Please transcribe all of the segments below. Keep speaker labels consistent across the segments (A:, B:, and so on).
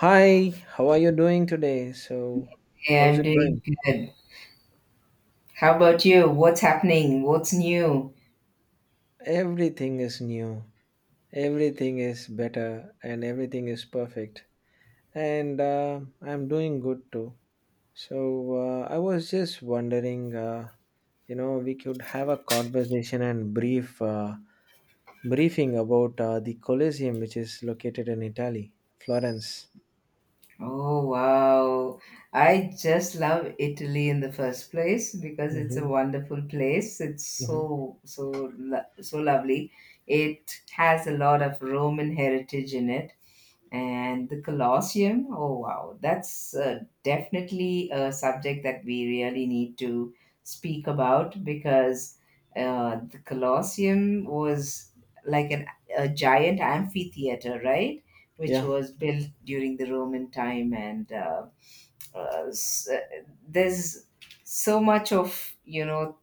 A: Hi, how are you doing today? So,
B: Yeah,
A: how's
B: I'm
A: it
B: doing
A: going?
B: good. How about you? What's happening? What's new?
A: Everything is new, everything is better, and everything is perfect. And I'm doing good too. So, I was just wondering, we could have a conversation and briefing about the Colosseum, which is located in Italy, Florence.
B: Oh, wow. I just love Italy in the first place because it's a
A: Hmm.
B: wonderful place. It's
A: Hmm.
B: so, so, so lovely. It has a lot of Roman heritage in it. And the Colosseum, oh wow, that's definitely a subject that we really need to speak about because the Colosseum was like an, a giant amphitheater, right? Which
A: Yeah.
B: was built during the Roman time, and there's so much of, you know,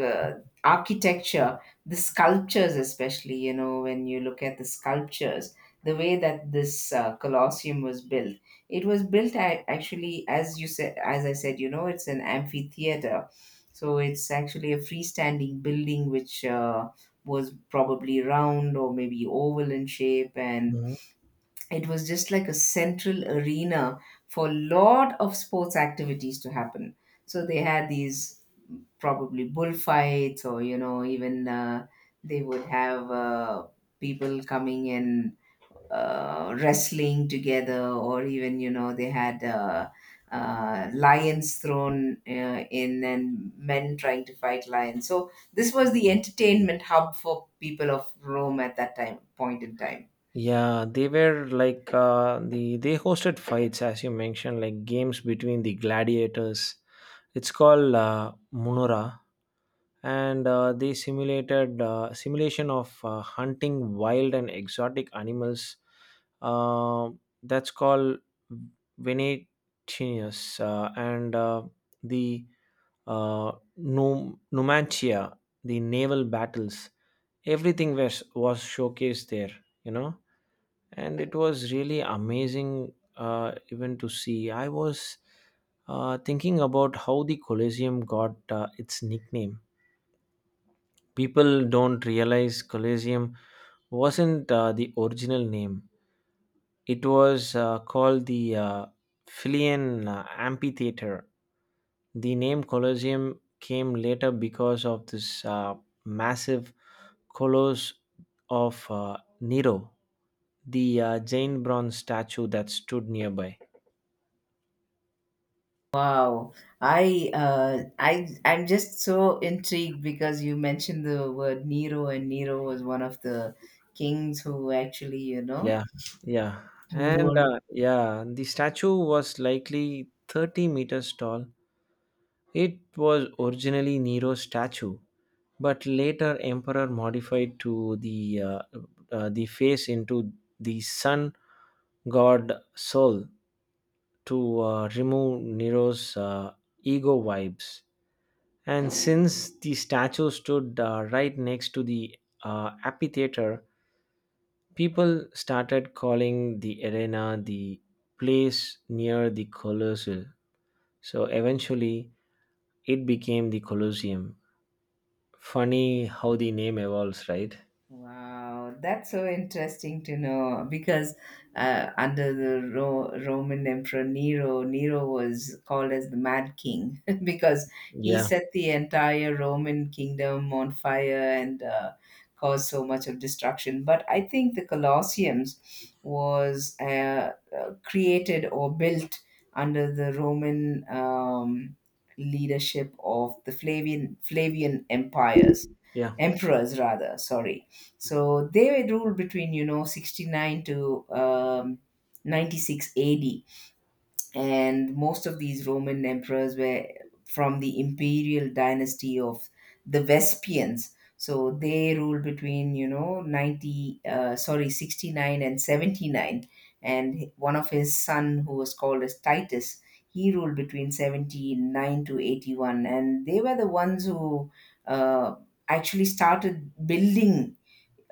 B: uh, architecture, the sculptures, especially, you know, when you look at the sculptures, the way that this Colosseum was built, it was built actually, as you said, as I said, you know, it's an amphitheater. So it's actually a freestanding building which was probably round or maybe oval in shape, and it was just like a central arena for a lot of sports activities to happen. So they had these probably bullfights, or, you know, even they would have people coming in wrestling together, or even, you know, they had lions thrown in and men trying to fight lions. So this was the entertainment hub for people of Rome at that time point in time.
A: Yeah, they were like they hosted fights as you mentioned, like games between the gladiators. It's called Munora, and they simulated simulation of hunting wild and exotic animals. Uh, that's called Venetianus, and the uh, Numantia, the naval battles. Everything was showcased there. And it was really amazing even to see. I was thinking about how the Colosseum got its nickname. People don't realize Colosseum wasn't the original name. It was called the Philian Amphitheater. The name Colosseum came later because of this massive colossus of Nero, the giant bronze statue that stood nearby.
B: Wow, I I'm just so intrigued because you mentioned the word Nero, and Nero was one of the kings who actually, you know,
A: Yeah, yeah.
B: who
A: And
B: ruled.
A: yeah, the statue was likely 30 meters tall. It was originally Nero's statue, but later emperor modified to the face into the sun god Sol to remove Nero's ego vibes. And since the statue stood right next to the amphitheater. People started calling the arena the place near the Colosseum. So eventually it became the Colosseum. Funny how the name evolves, right?
B: Wow, that's so interesting to know because under the Roman Emperor Nero, Nero was called as the Mad King because he
A: Yeah,
B: set the entire Roman kingdom on fire and caused so much of destruction. But I think the Colosseums was created or built under the Roman leadership of the Flavian empires,
A: yeah,
B: emperors rather, sorry. So they were ruled between, you know, 69 to 96 AD. And most of these Roman emperors were from the imperial dynasty of the Vespians. So they ruled between, you know, 90, sorry, 69 and 79. And one of his son, who was called as Titus, he ruled between 79 to 81. And they were the ones who uh, actually started building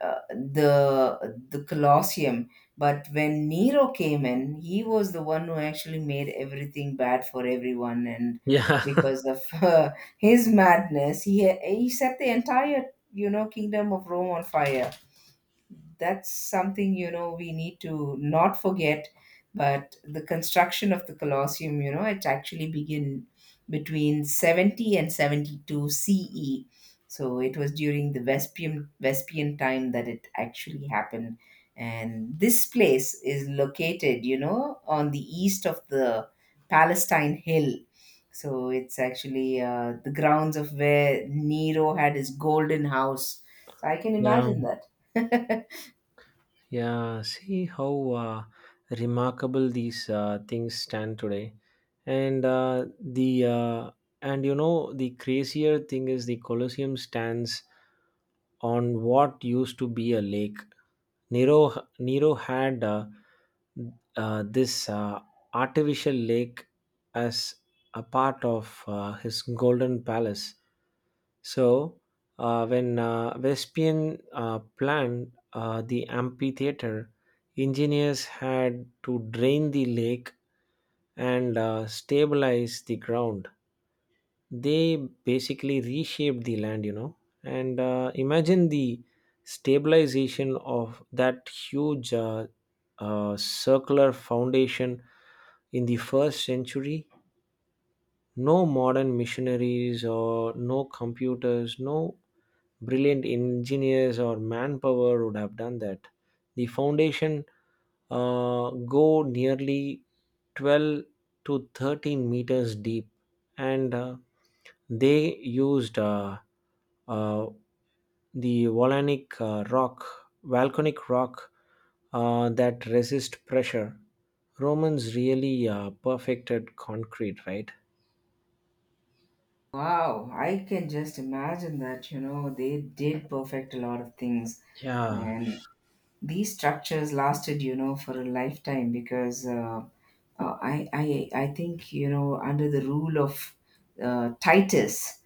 B: the Colosseum. But when Nero came in, he was the one who actually made everything bad for everyone, and
A: yeah.
B: because of his madness, he set the entire, you know, kingdom of Rome on fire. That's something, you know, we need to not forget. But the construction of the Colosseum, you know, it actually began between 70 and 72 CE. So it was during the Vespian time that it actually happened. And this place is located, you know, on the east of the Palestine Hill. So it's actually the grounds of where Nero had his Golden House. So I can
A: Yeah.
B: imagine that.
A: Yeah, see how remarkable these things stand today, and uh, the uh, and the crazier thing is the Colosseum stands on what used to be a lake. Nero Nero had this artificial lake as a part of his golden palace. So, when Vespian planned the amphitheater, engineers had to drain the lake and stabilize the ground. They basically reshaped the land. And imagine the stabilization of that huge circular foundation in the first century. No modern machineries or no computers, no brilliant engineers or manpower would have done that. The foundation go nearly 12 to 13 meters deep, and they used uh, the volcanic rock that resist pressure. Romans really perfected concrete, right?
B: Wow, I can just imagine that, you know, they did perfect a lot of things.
A: Yeah.
B: And these structures lasted, you know, for a lifetime because I think, you know, under the rule of Titus,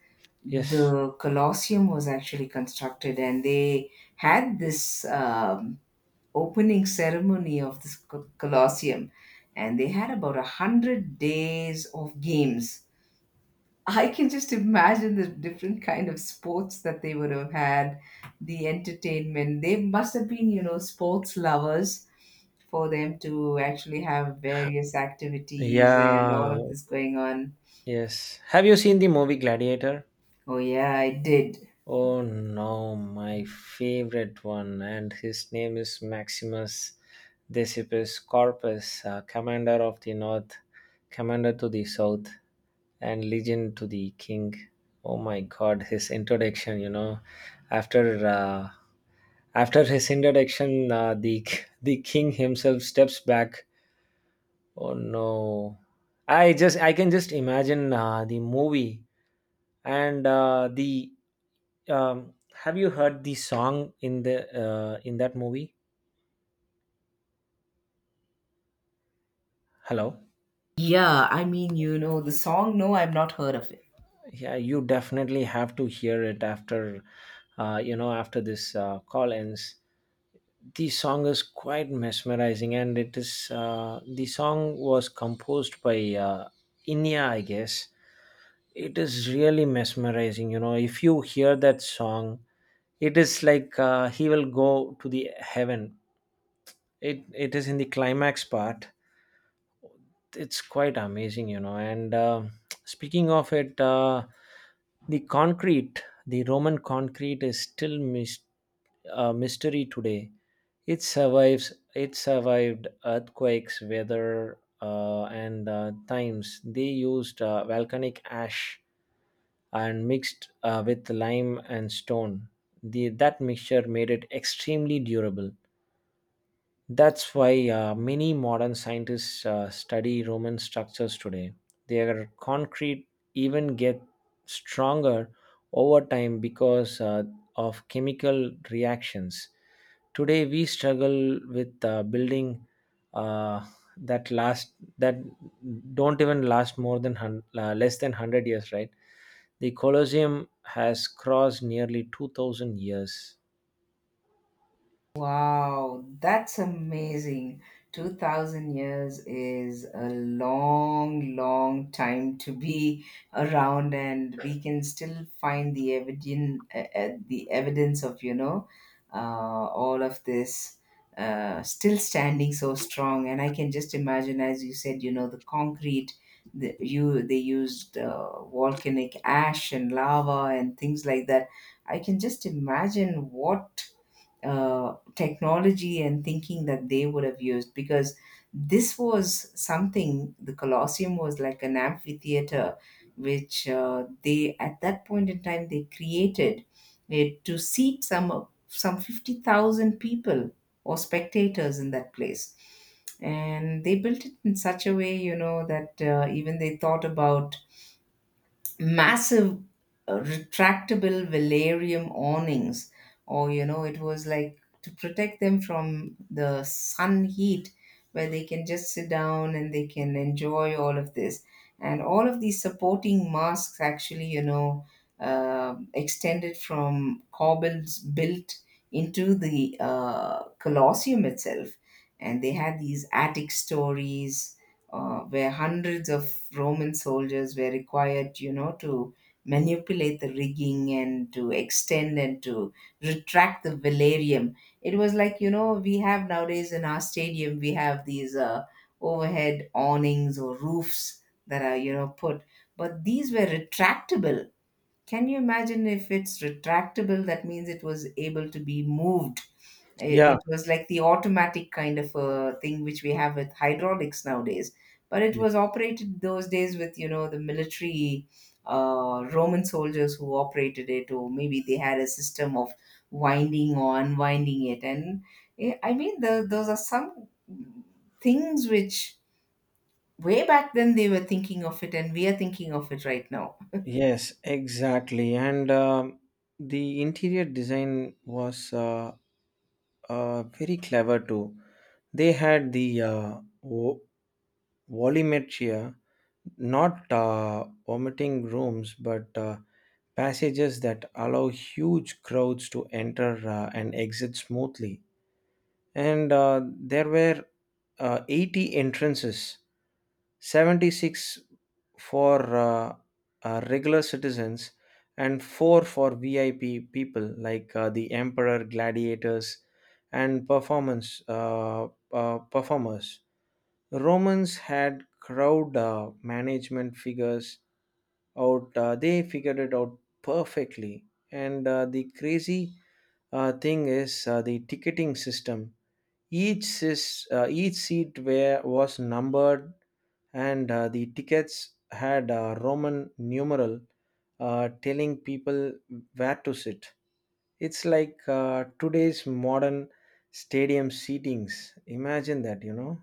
A: Yes.
B: the Colosseum was actually constructed, and they had this opening ceremony of this Colosseum, and they had about 100 days of games. I can just imagine the different kind of sports that they would have had, the entertainment. They must have been, you know, sports lovers for them to actually have various activities and all
A: Yeah,
B: of this going on.
A: yes. Have you seen the movie Gladiator?
B: Oh yeah, I did.
A: Oh no, my favorite one, and his name is Maximus Decipius Corpus, commander of the north, commander to the south, and legion to the king. Oh my god, his introduction, after uh, after his introduction, the the king himself steps back. Oh no, I can just imagine the movie. And the have you heard the song in that movie? Hello.
B: Yeah, I mean, you know, the song, no, I've not heard of it.
A: Yeah, you definitely have to hear it after you know after this call ends. The song is quite mesmerizing, and it is the song was composed by inya, I guess. It is really mesmerizing. If you hear that song, it is like he will go to the heaven. It is in the climax part. It's quite amazing, and speaking of it, the concrete the Roman concrete is still a mystery today. It survived earthquakes, weather, and times. They used volcanic ash and mixed with lime and stone. That mixture made it extremely durable. That's why many modern scientists study Roman structures today. Their concrete even get stronger over time because of chemical reactions. Today we struggle with building uh, that don't even last less than 100 years, right? The Colosseum has crossed nearly 2,000 years.
B: Wow, that's amazing. 2000 years is a long, long time to be around, and we can still find the evidence of, you know, all of this still standing so strong. And I can just imagine, as you said, you know, the concrete, you, they used volcanic ash and lava and things like that. I can just imagine what technology and thinking that they would have used, because this was something. The Colosseum was like an amphitheater which they, at that point in time, they created it to seat some 50,000 people or spectators in that place. And they built it in such a way, you know, that even they thought about massive retractable velarium awnings, or, you know, it was like to protect them from the sun heat, where they can just sit down and they can enjoy all of this. And all of these supporting masks actually, you know, extended from corbels built into the Colosseum itself. And they had these attic stories where hundreds of Roman soldiers were required, you know, to manipulate the rigging and to extend and to retract the velarium. It was like, you know, we have nowadays in our stadium, we have these overhead awnings or roofs that are, you know, put, but these were retractable. Can you imagine if it's retractable? That means it was able to be moved. it,
A: Yeah.
B: it was like the automatic kind of a thing which we have with hydraulics nowadays. But it was operated those days with, you know, the military Roman soldiers who operated it, or maybe they had a system of winding or unwinding it. And I mean, those are some things which way back then they were thinking of it, and we are thinking of it right now.
A: Yes, exactly. And the interior design was very clever too. They had the volumetria, not vomiting rooms, but passages that allow huge crowds to enter and exit smoothly, and there were 80 entrances: 76 for regular citizens and 4 for VIP people like the emperor, gladiators, and performance performers. Romans had crowd management figures out. They figured it out perfectly. And the crazy thing is the ticketing system: each seat was numbered, and the tickets had a Roman numeral telling people where to sit. It's like today's modern stadium seatings. Imagine that, you know?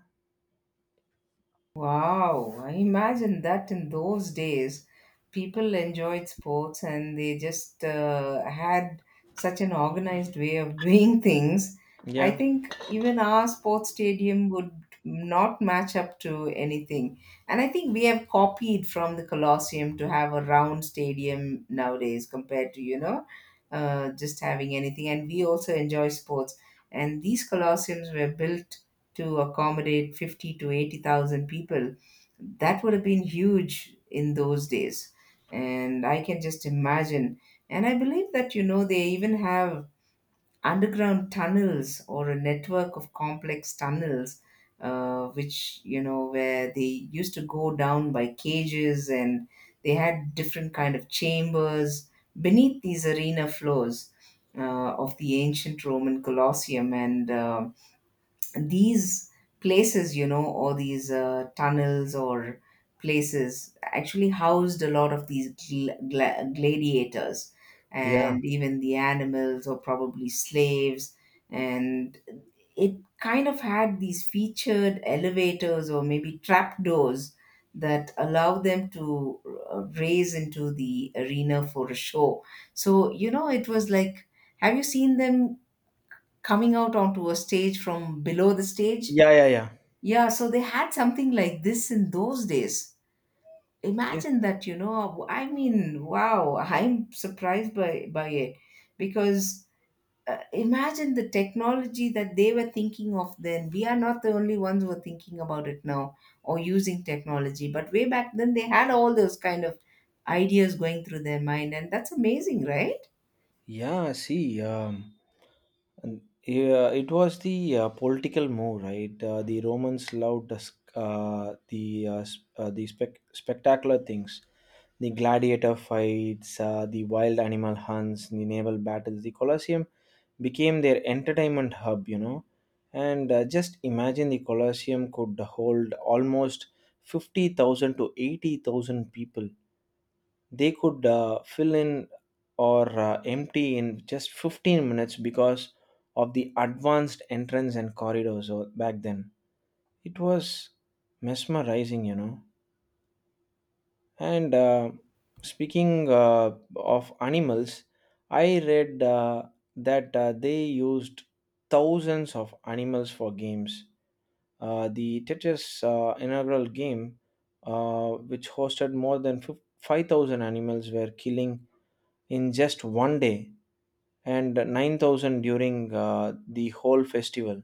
B: Wow, I imagine that in those days, people enjoyed sports and they just had such an organized way of doing things. I
A: Yeah,
B: think even our sports stadium would not match up to anything. And I think we have copied from the Colosseum to have a round stadium nowadays, compared to, you know, just having anything. And we also enjoy sports. And these Colosseums were built to accommodate 50 to 80,000 people. That would have been huge in those days. And I can just imagine. And I believe that, you know, they even have underground tunnels or a network of complex tunnels, which, you know, where they used to go down by cages, and they had different kind of chambers beneath these arena floors of the ancient Roman Colosseum. And these places, you know, or these tunnels or places actually housed a lot of these gladiators
A: yeah,
B: and even the animals or probably slaves. And it kind of had these featured elevators or maybe trapdoors that allow them to raise into the arena for a show. So, you know, it was like, have you seen them coming out onto a stage from below the stage?
A: yeah, yeah,
B: Yeah, so they had something like this in those days.
A: yeah.
B: Imagine that, you know. I mean, wow, I'm surprised by, it because imagine the technology that they were thinking of then. We are not the only ones who are thinking about it now or using technology, but way back then they had all those kind of ideas going through their mind, and that's amazing, right?
A: Yeah, see, and, yeah, it was the political move, right? The Romans loved the spectacular things, the gladiator fights, the wild animal hunts, the naval battles. The Colosseum became their entertainment hub. And just imagine, the Colosseum could hold almost 50,000 to 80,000 people. They could fill in or empty in just 15 minutes because of the advanced entrance and corridors back then. It was mesmerizing. And speaking of animals, I read that they used thousands of animals for games. The Tetris inaugural game, which hosted more than 5,000 animals, were killing in just one day and 9,000 during the whole festival.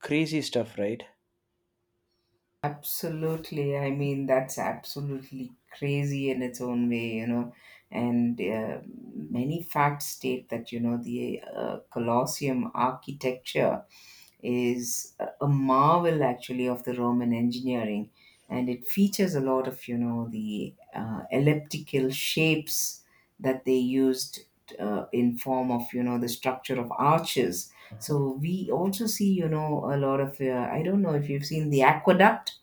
A: Crazy stuff, right?
B: Absolutely. I mean, that's absolutely crazy in its own way, you know. And many facts state that, you know, the Colosseum architecture is a marvel actually of the Roman engineering. And it features a lot of, you know, the elliptical shapes that they used in form of, you know, the structure of arches.
A: Mhm.
B: So we also see, you know, a lot of, I don't know if you've seen the aqueduct,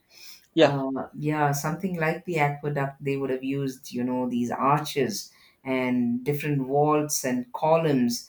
A: Yeah,
B: yeah, something like the aqueduct, they would have used, you know, these arches and different vaults and columns.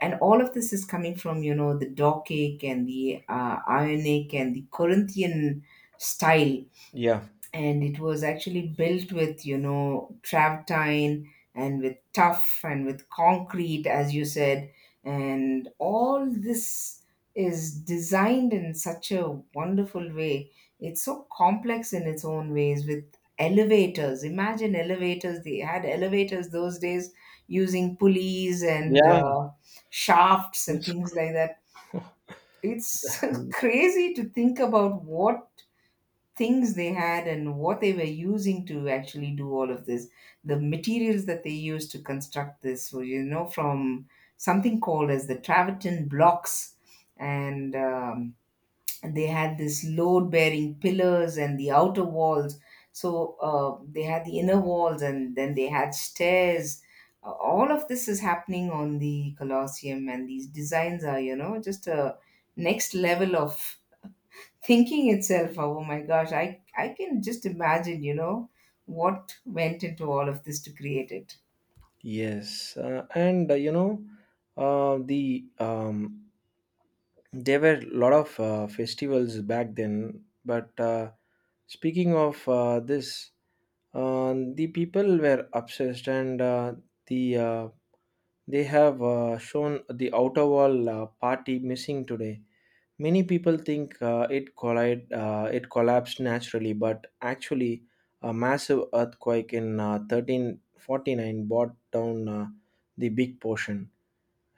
B: And all of this is coming from, you know, the Doric and the Ionic and the Corinthian style.
A: yeah,
B: And it was actually built with, you know, travertine and with tuff and with concrete, as you said. And all this is designed in such a wonderful way. It's so complex in its own ways, with elevators. Imagine elevators! They had elevators those days, using pulleys and
A: yeah.
B: shafts and
A: It's
B: things like that. It's crazy to think about what things they had and what they were using to actually do all of this, the materials that they used to construct this. So, you know, from something called as the travertine blocks, and um, and they had this load bearing pillars and the outer walls. So they had the inner walls and then they had stairs. All of this is happening on the colosseum, and these designs are, you know, just a next level of thinking itself. Oh my gosh, I can just imagine, you know, what went into all of this to create it.
A: Yes, and uh, the um, there were a lot of festivals back then, but speaking of this, the people were obsessed, and the uh, they have shown the outer wall party missing today. Many people think it collapsed naturally, but actually, a massive earthquake in 1349 brought down the big portion.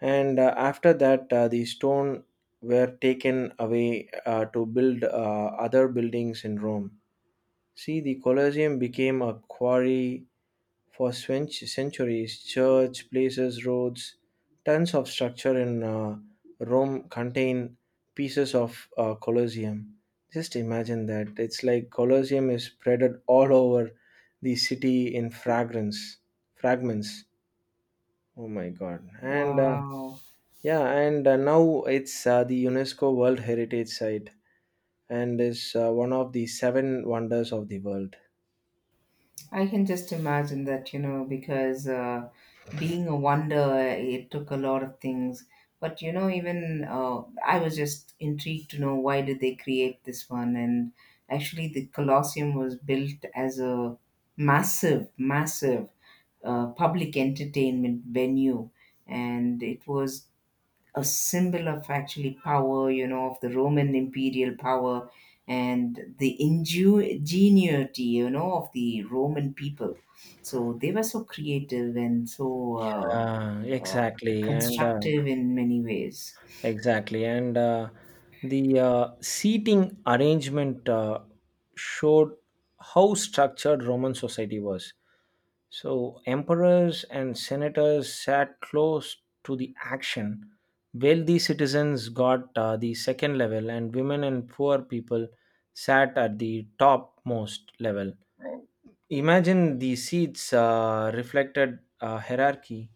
A: And after that, the stone were taken away to build other buildings in Rome. See, the Colosseum became a quarry for centuries. Church, places, roads, tons of structure in Rome contain pieces of Colosseum. Just imagine that. It's like Colosseum is spreaded all over the city in fragments. Oh my God. And
B: Wow,
A: yeah, and now it's the UNESCO World Heritage Site and is one of the seven wonders of the world.
B: I can just imagine that, you know, because being a wonder, it took a lot of things. But you know, even I was just intrigued to know why did they create this one. And actually the colosseum was built as a massive public entertainment venue, and it was a symbol of actually power, you know, of the Roman imperial power and the ingenuity, you know, of the Roman people. So they were so creative and so
A: Yeah,
B: uh, uh,
A: exactly. And
B: constructive in many ways.
A: Exactly. And the seating arrangement showed how structured Roman society was. So, emperors and senators sat close to the action. Wealthy citizens got the second level, and women and poor people sat at the topmost level. Imagine the seats reflected hierarchy.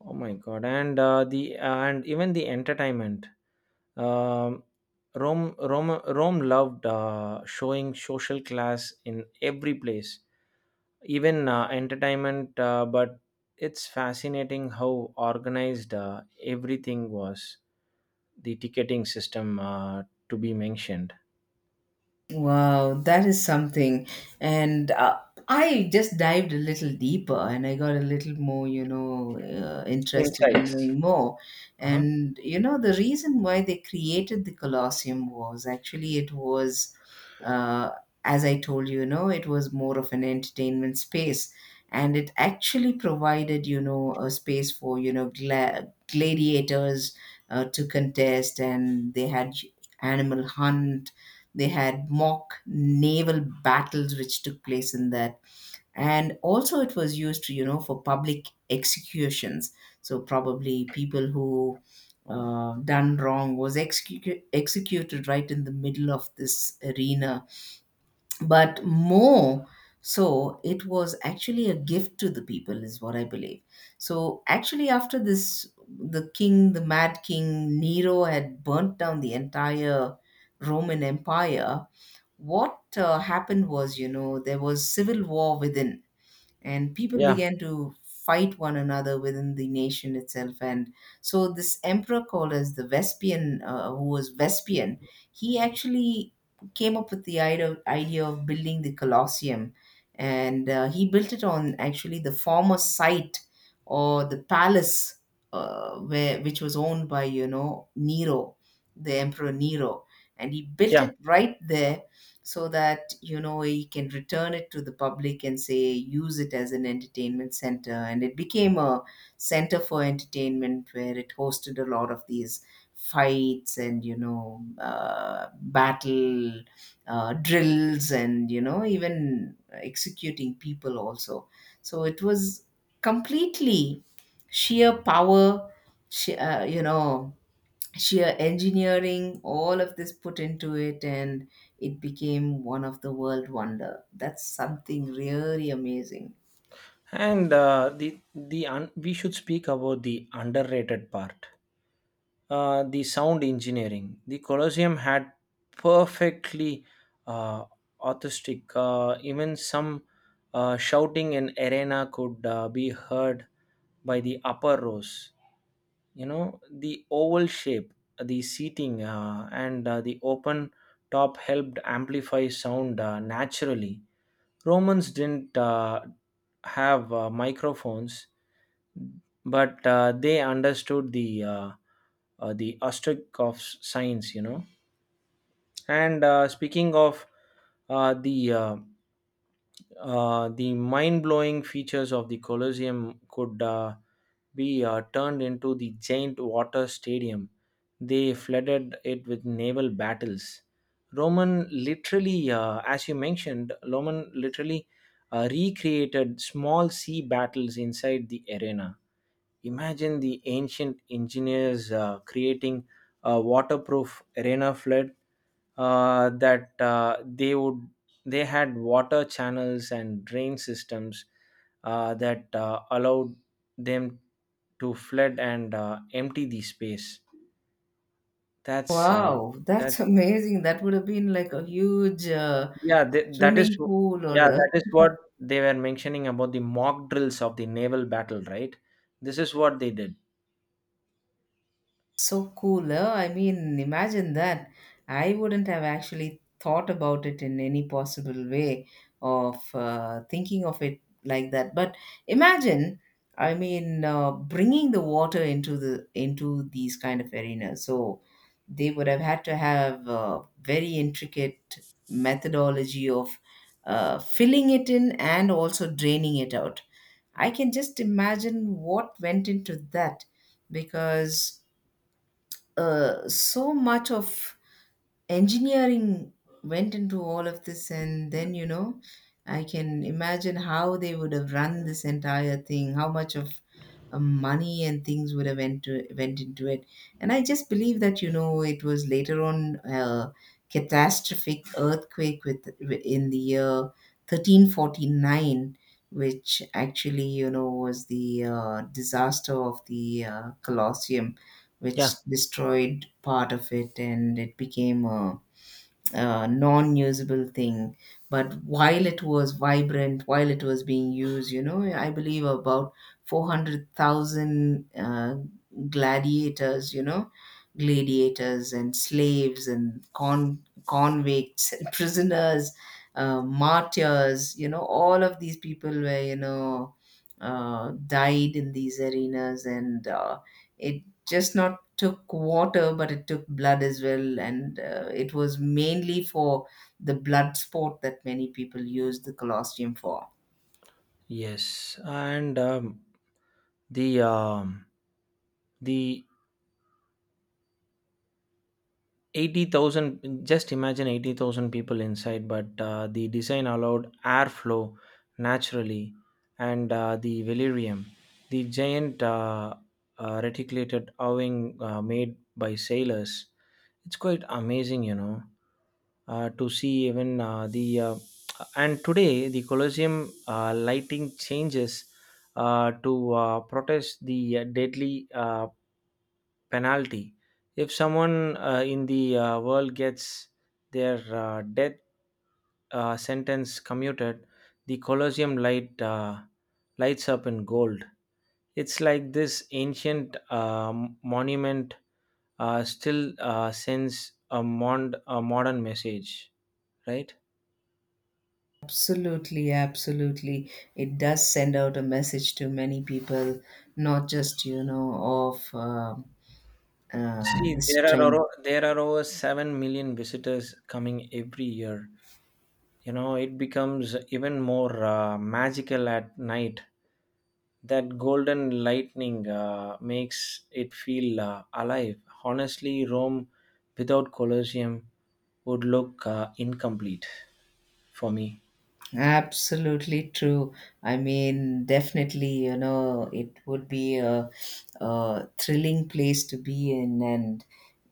A: Oh my god! And the and even the entertainment. um, Rome loved showing social class in every place, even entertainment. But it's fascinating how organized everything was. The ticketing system, to be mentioned.
B: Wow, that is something. And I just dived a little deeper and I got a little more, you know, interested in
A: Insights.
B: knowing more.
A: Uh-huh.
B: And, you know, the reason why they created the Colosseum was actually it was, uh, as I told you, you know, it was more of an entertainment space. And it actually provided, you know, a space for, you know, gladiators to contest. And they had animal hunt. They had mock naval battles which took place in that. And also it was used to, you know, for public executions. So probably people who done wrong was executed right in the middle of this arena. But more so, it was actually a gift to the people, is what I believe. So actually after this, the king, the mad king Nero, had burnt down the entire Roman empire. What happened was, you know, there was civil war within, and people
A: Yeah,
B: began to fight one another within the nation itself. And so this emperor called as the Vespian, who was vespian he actually came up with the idea of building the colosseum. And he built it on actually the former site, or the palace where which was owned by, you know, Nero, the emperor Nero, and he built
A: yeah,
B: it right there, so that, you know, he can return it to the public and say use it as an entertainment center. And it became a center for entertainment, where it hosted a lot of these fights and, you know, battle drills, and, you know, even executing people also. So it was completely sheer power, you know, sheer engineering, all of this put into it, and it became one of the world wonder. That's something really amazing.
A: and we should speak about the underrated part, the sound engineering. The Colosseum had perfectly uh, acoustic. Even some shouting in arena could be heard by the upper rows. The oval shape, the seating, and the open top helped amplify sound naturally. Romans didn't have microphones, but they understood the the asterisk of science. And speaking of uh, the uh, the mind-blowing features of the Colosseum could be turned into the giant water stadium. They flooded it with naval battles. As you mentioned, Roman literally recreated small sea battles inside the arena. Imagine the ancient engineers creating a waterproof arena flood that they had water channels and drain systems that allowed them to flood and empty the space. That's uh,
B: Wow, that's
A: that's
B: amazing. That would have been like a huge
A: yeah th- that is
B: swimming pool or
A: yeah
B: a...
A: that is what they were mentioning about the mock drills of the naval battle, right? This is what they did.
B: So cool. I mean, imagine that. I wouldn't have actually thought about it in any possible way of thinking of it like that. But imagine, I mean, bringing the water into the into these kind of arenas. So they would have had to have a very intricate methodology of filling it in and also draining it out. I can just imagine what went into that, because so much of engineering went into all of this. And then, you know, I can imagine how they would have run this entire thing, how much of money and things would have went into it. And I just believe that, you know, it was later on a catastrophic earthquake with in the year 1349, which actually, you know, was the disaster of the Colosseum,
A: Yeah.
B: which destroyed part of it, and it became a non-usable thing. But while it was vibrant, while it was being used, you know, I believe about 400,000 gladiators, you know, gladiators and slaves and convicts and prisoners, martyrs, you know, all of these people were, you know, died in these arenas. And it just not took water, but it took blood as well. And it was mainly for the blood sport that many people used the Colosseum for.
A: Yes, and The um, the 80,000, just imagine, 80,000 people inside, but the design allowed airflow naturally, and the velarium, the giant reticulated awning made by sailors. It's quite amazing, to see even the and today the Colosseum lighting changes to protest the deadly penalty. If someone in the world gets their death sentence commuted, the Colosseum lights up in gold. It's like this ancient monument still sends a modern message, right?
B: Absolutely, absolutely. It does send out a message to many people, not just, you know, of uh,
A: See,
B: the
A: there are
B: strength.
A: over, there are over 7 million visitors coming every year. It becomes even more magical at night. That golden lightning makes it feel alive. Honestly, Rome without Colosseum would look incomplete for me.
B: Absolutely true. I mean, definitely, you know, it would be a thrilling place to be in, and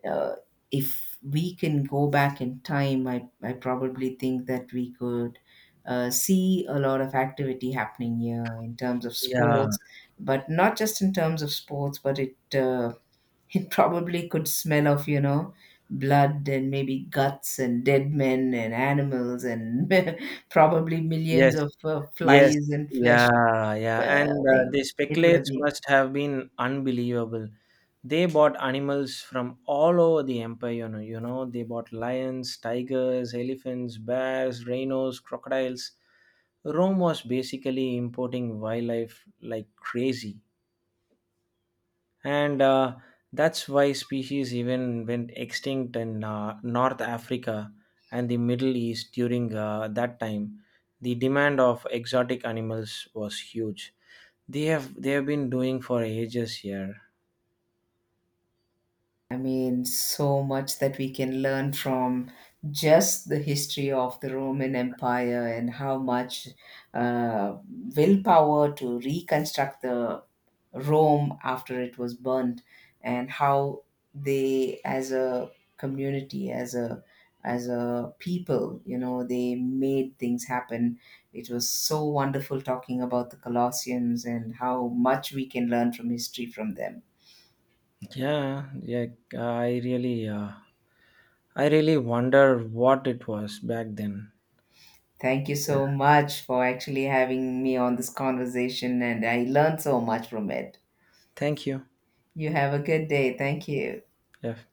B: uh, if we can go back in time, I probably think that we could see a lot of activity happening here in terms of
A: Yeah.
B: sports. But not just in terms of sports, but it it probably could smell of, you know, blood and maybe guts and dead men and animals and probably millions
A: Yes,
B: of
A: yes,
B: flies and flesh.
A: yeah, yeah. And
B: I think
A: the
B: it would have
A: speculates
B: been...
A: must have been unbelievable. They bought animals from all over the empire, they bought lions, tigers, elephants, bears, rhinos, crocodiles. Rome was basically importing wildlife like crazy, and that's why species even went extinct in North Africa and the Middle East during that time. The demand of exotic animals was huge. They have been doing for ages here.
B: I mean, so much that we can learn from just the history of the Roman Empire, and how much uh, willpower to reconstruct the Rome after it was burned, and how they, as a community, as a people, you know, they made things happen. It was so wonderful talking about the Colossians and how much we can learn from history from them.
A: Yeah, yeah. I really uh, i really wonder what it was back then.
B: Thank you
A: Yeah.
B: so much for actually having me on this conversation, and I learned so much from it.
A: Thank you.
B: You have a good day. Thank you.
A: Yeah.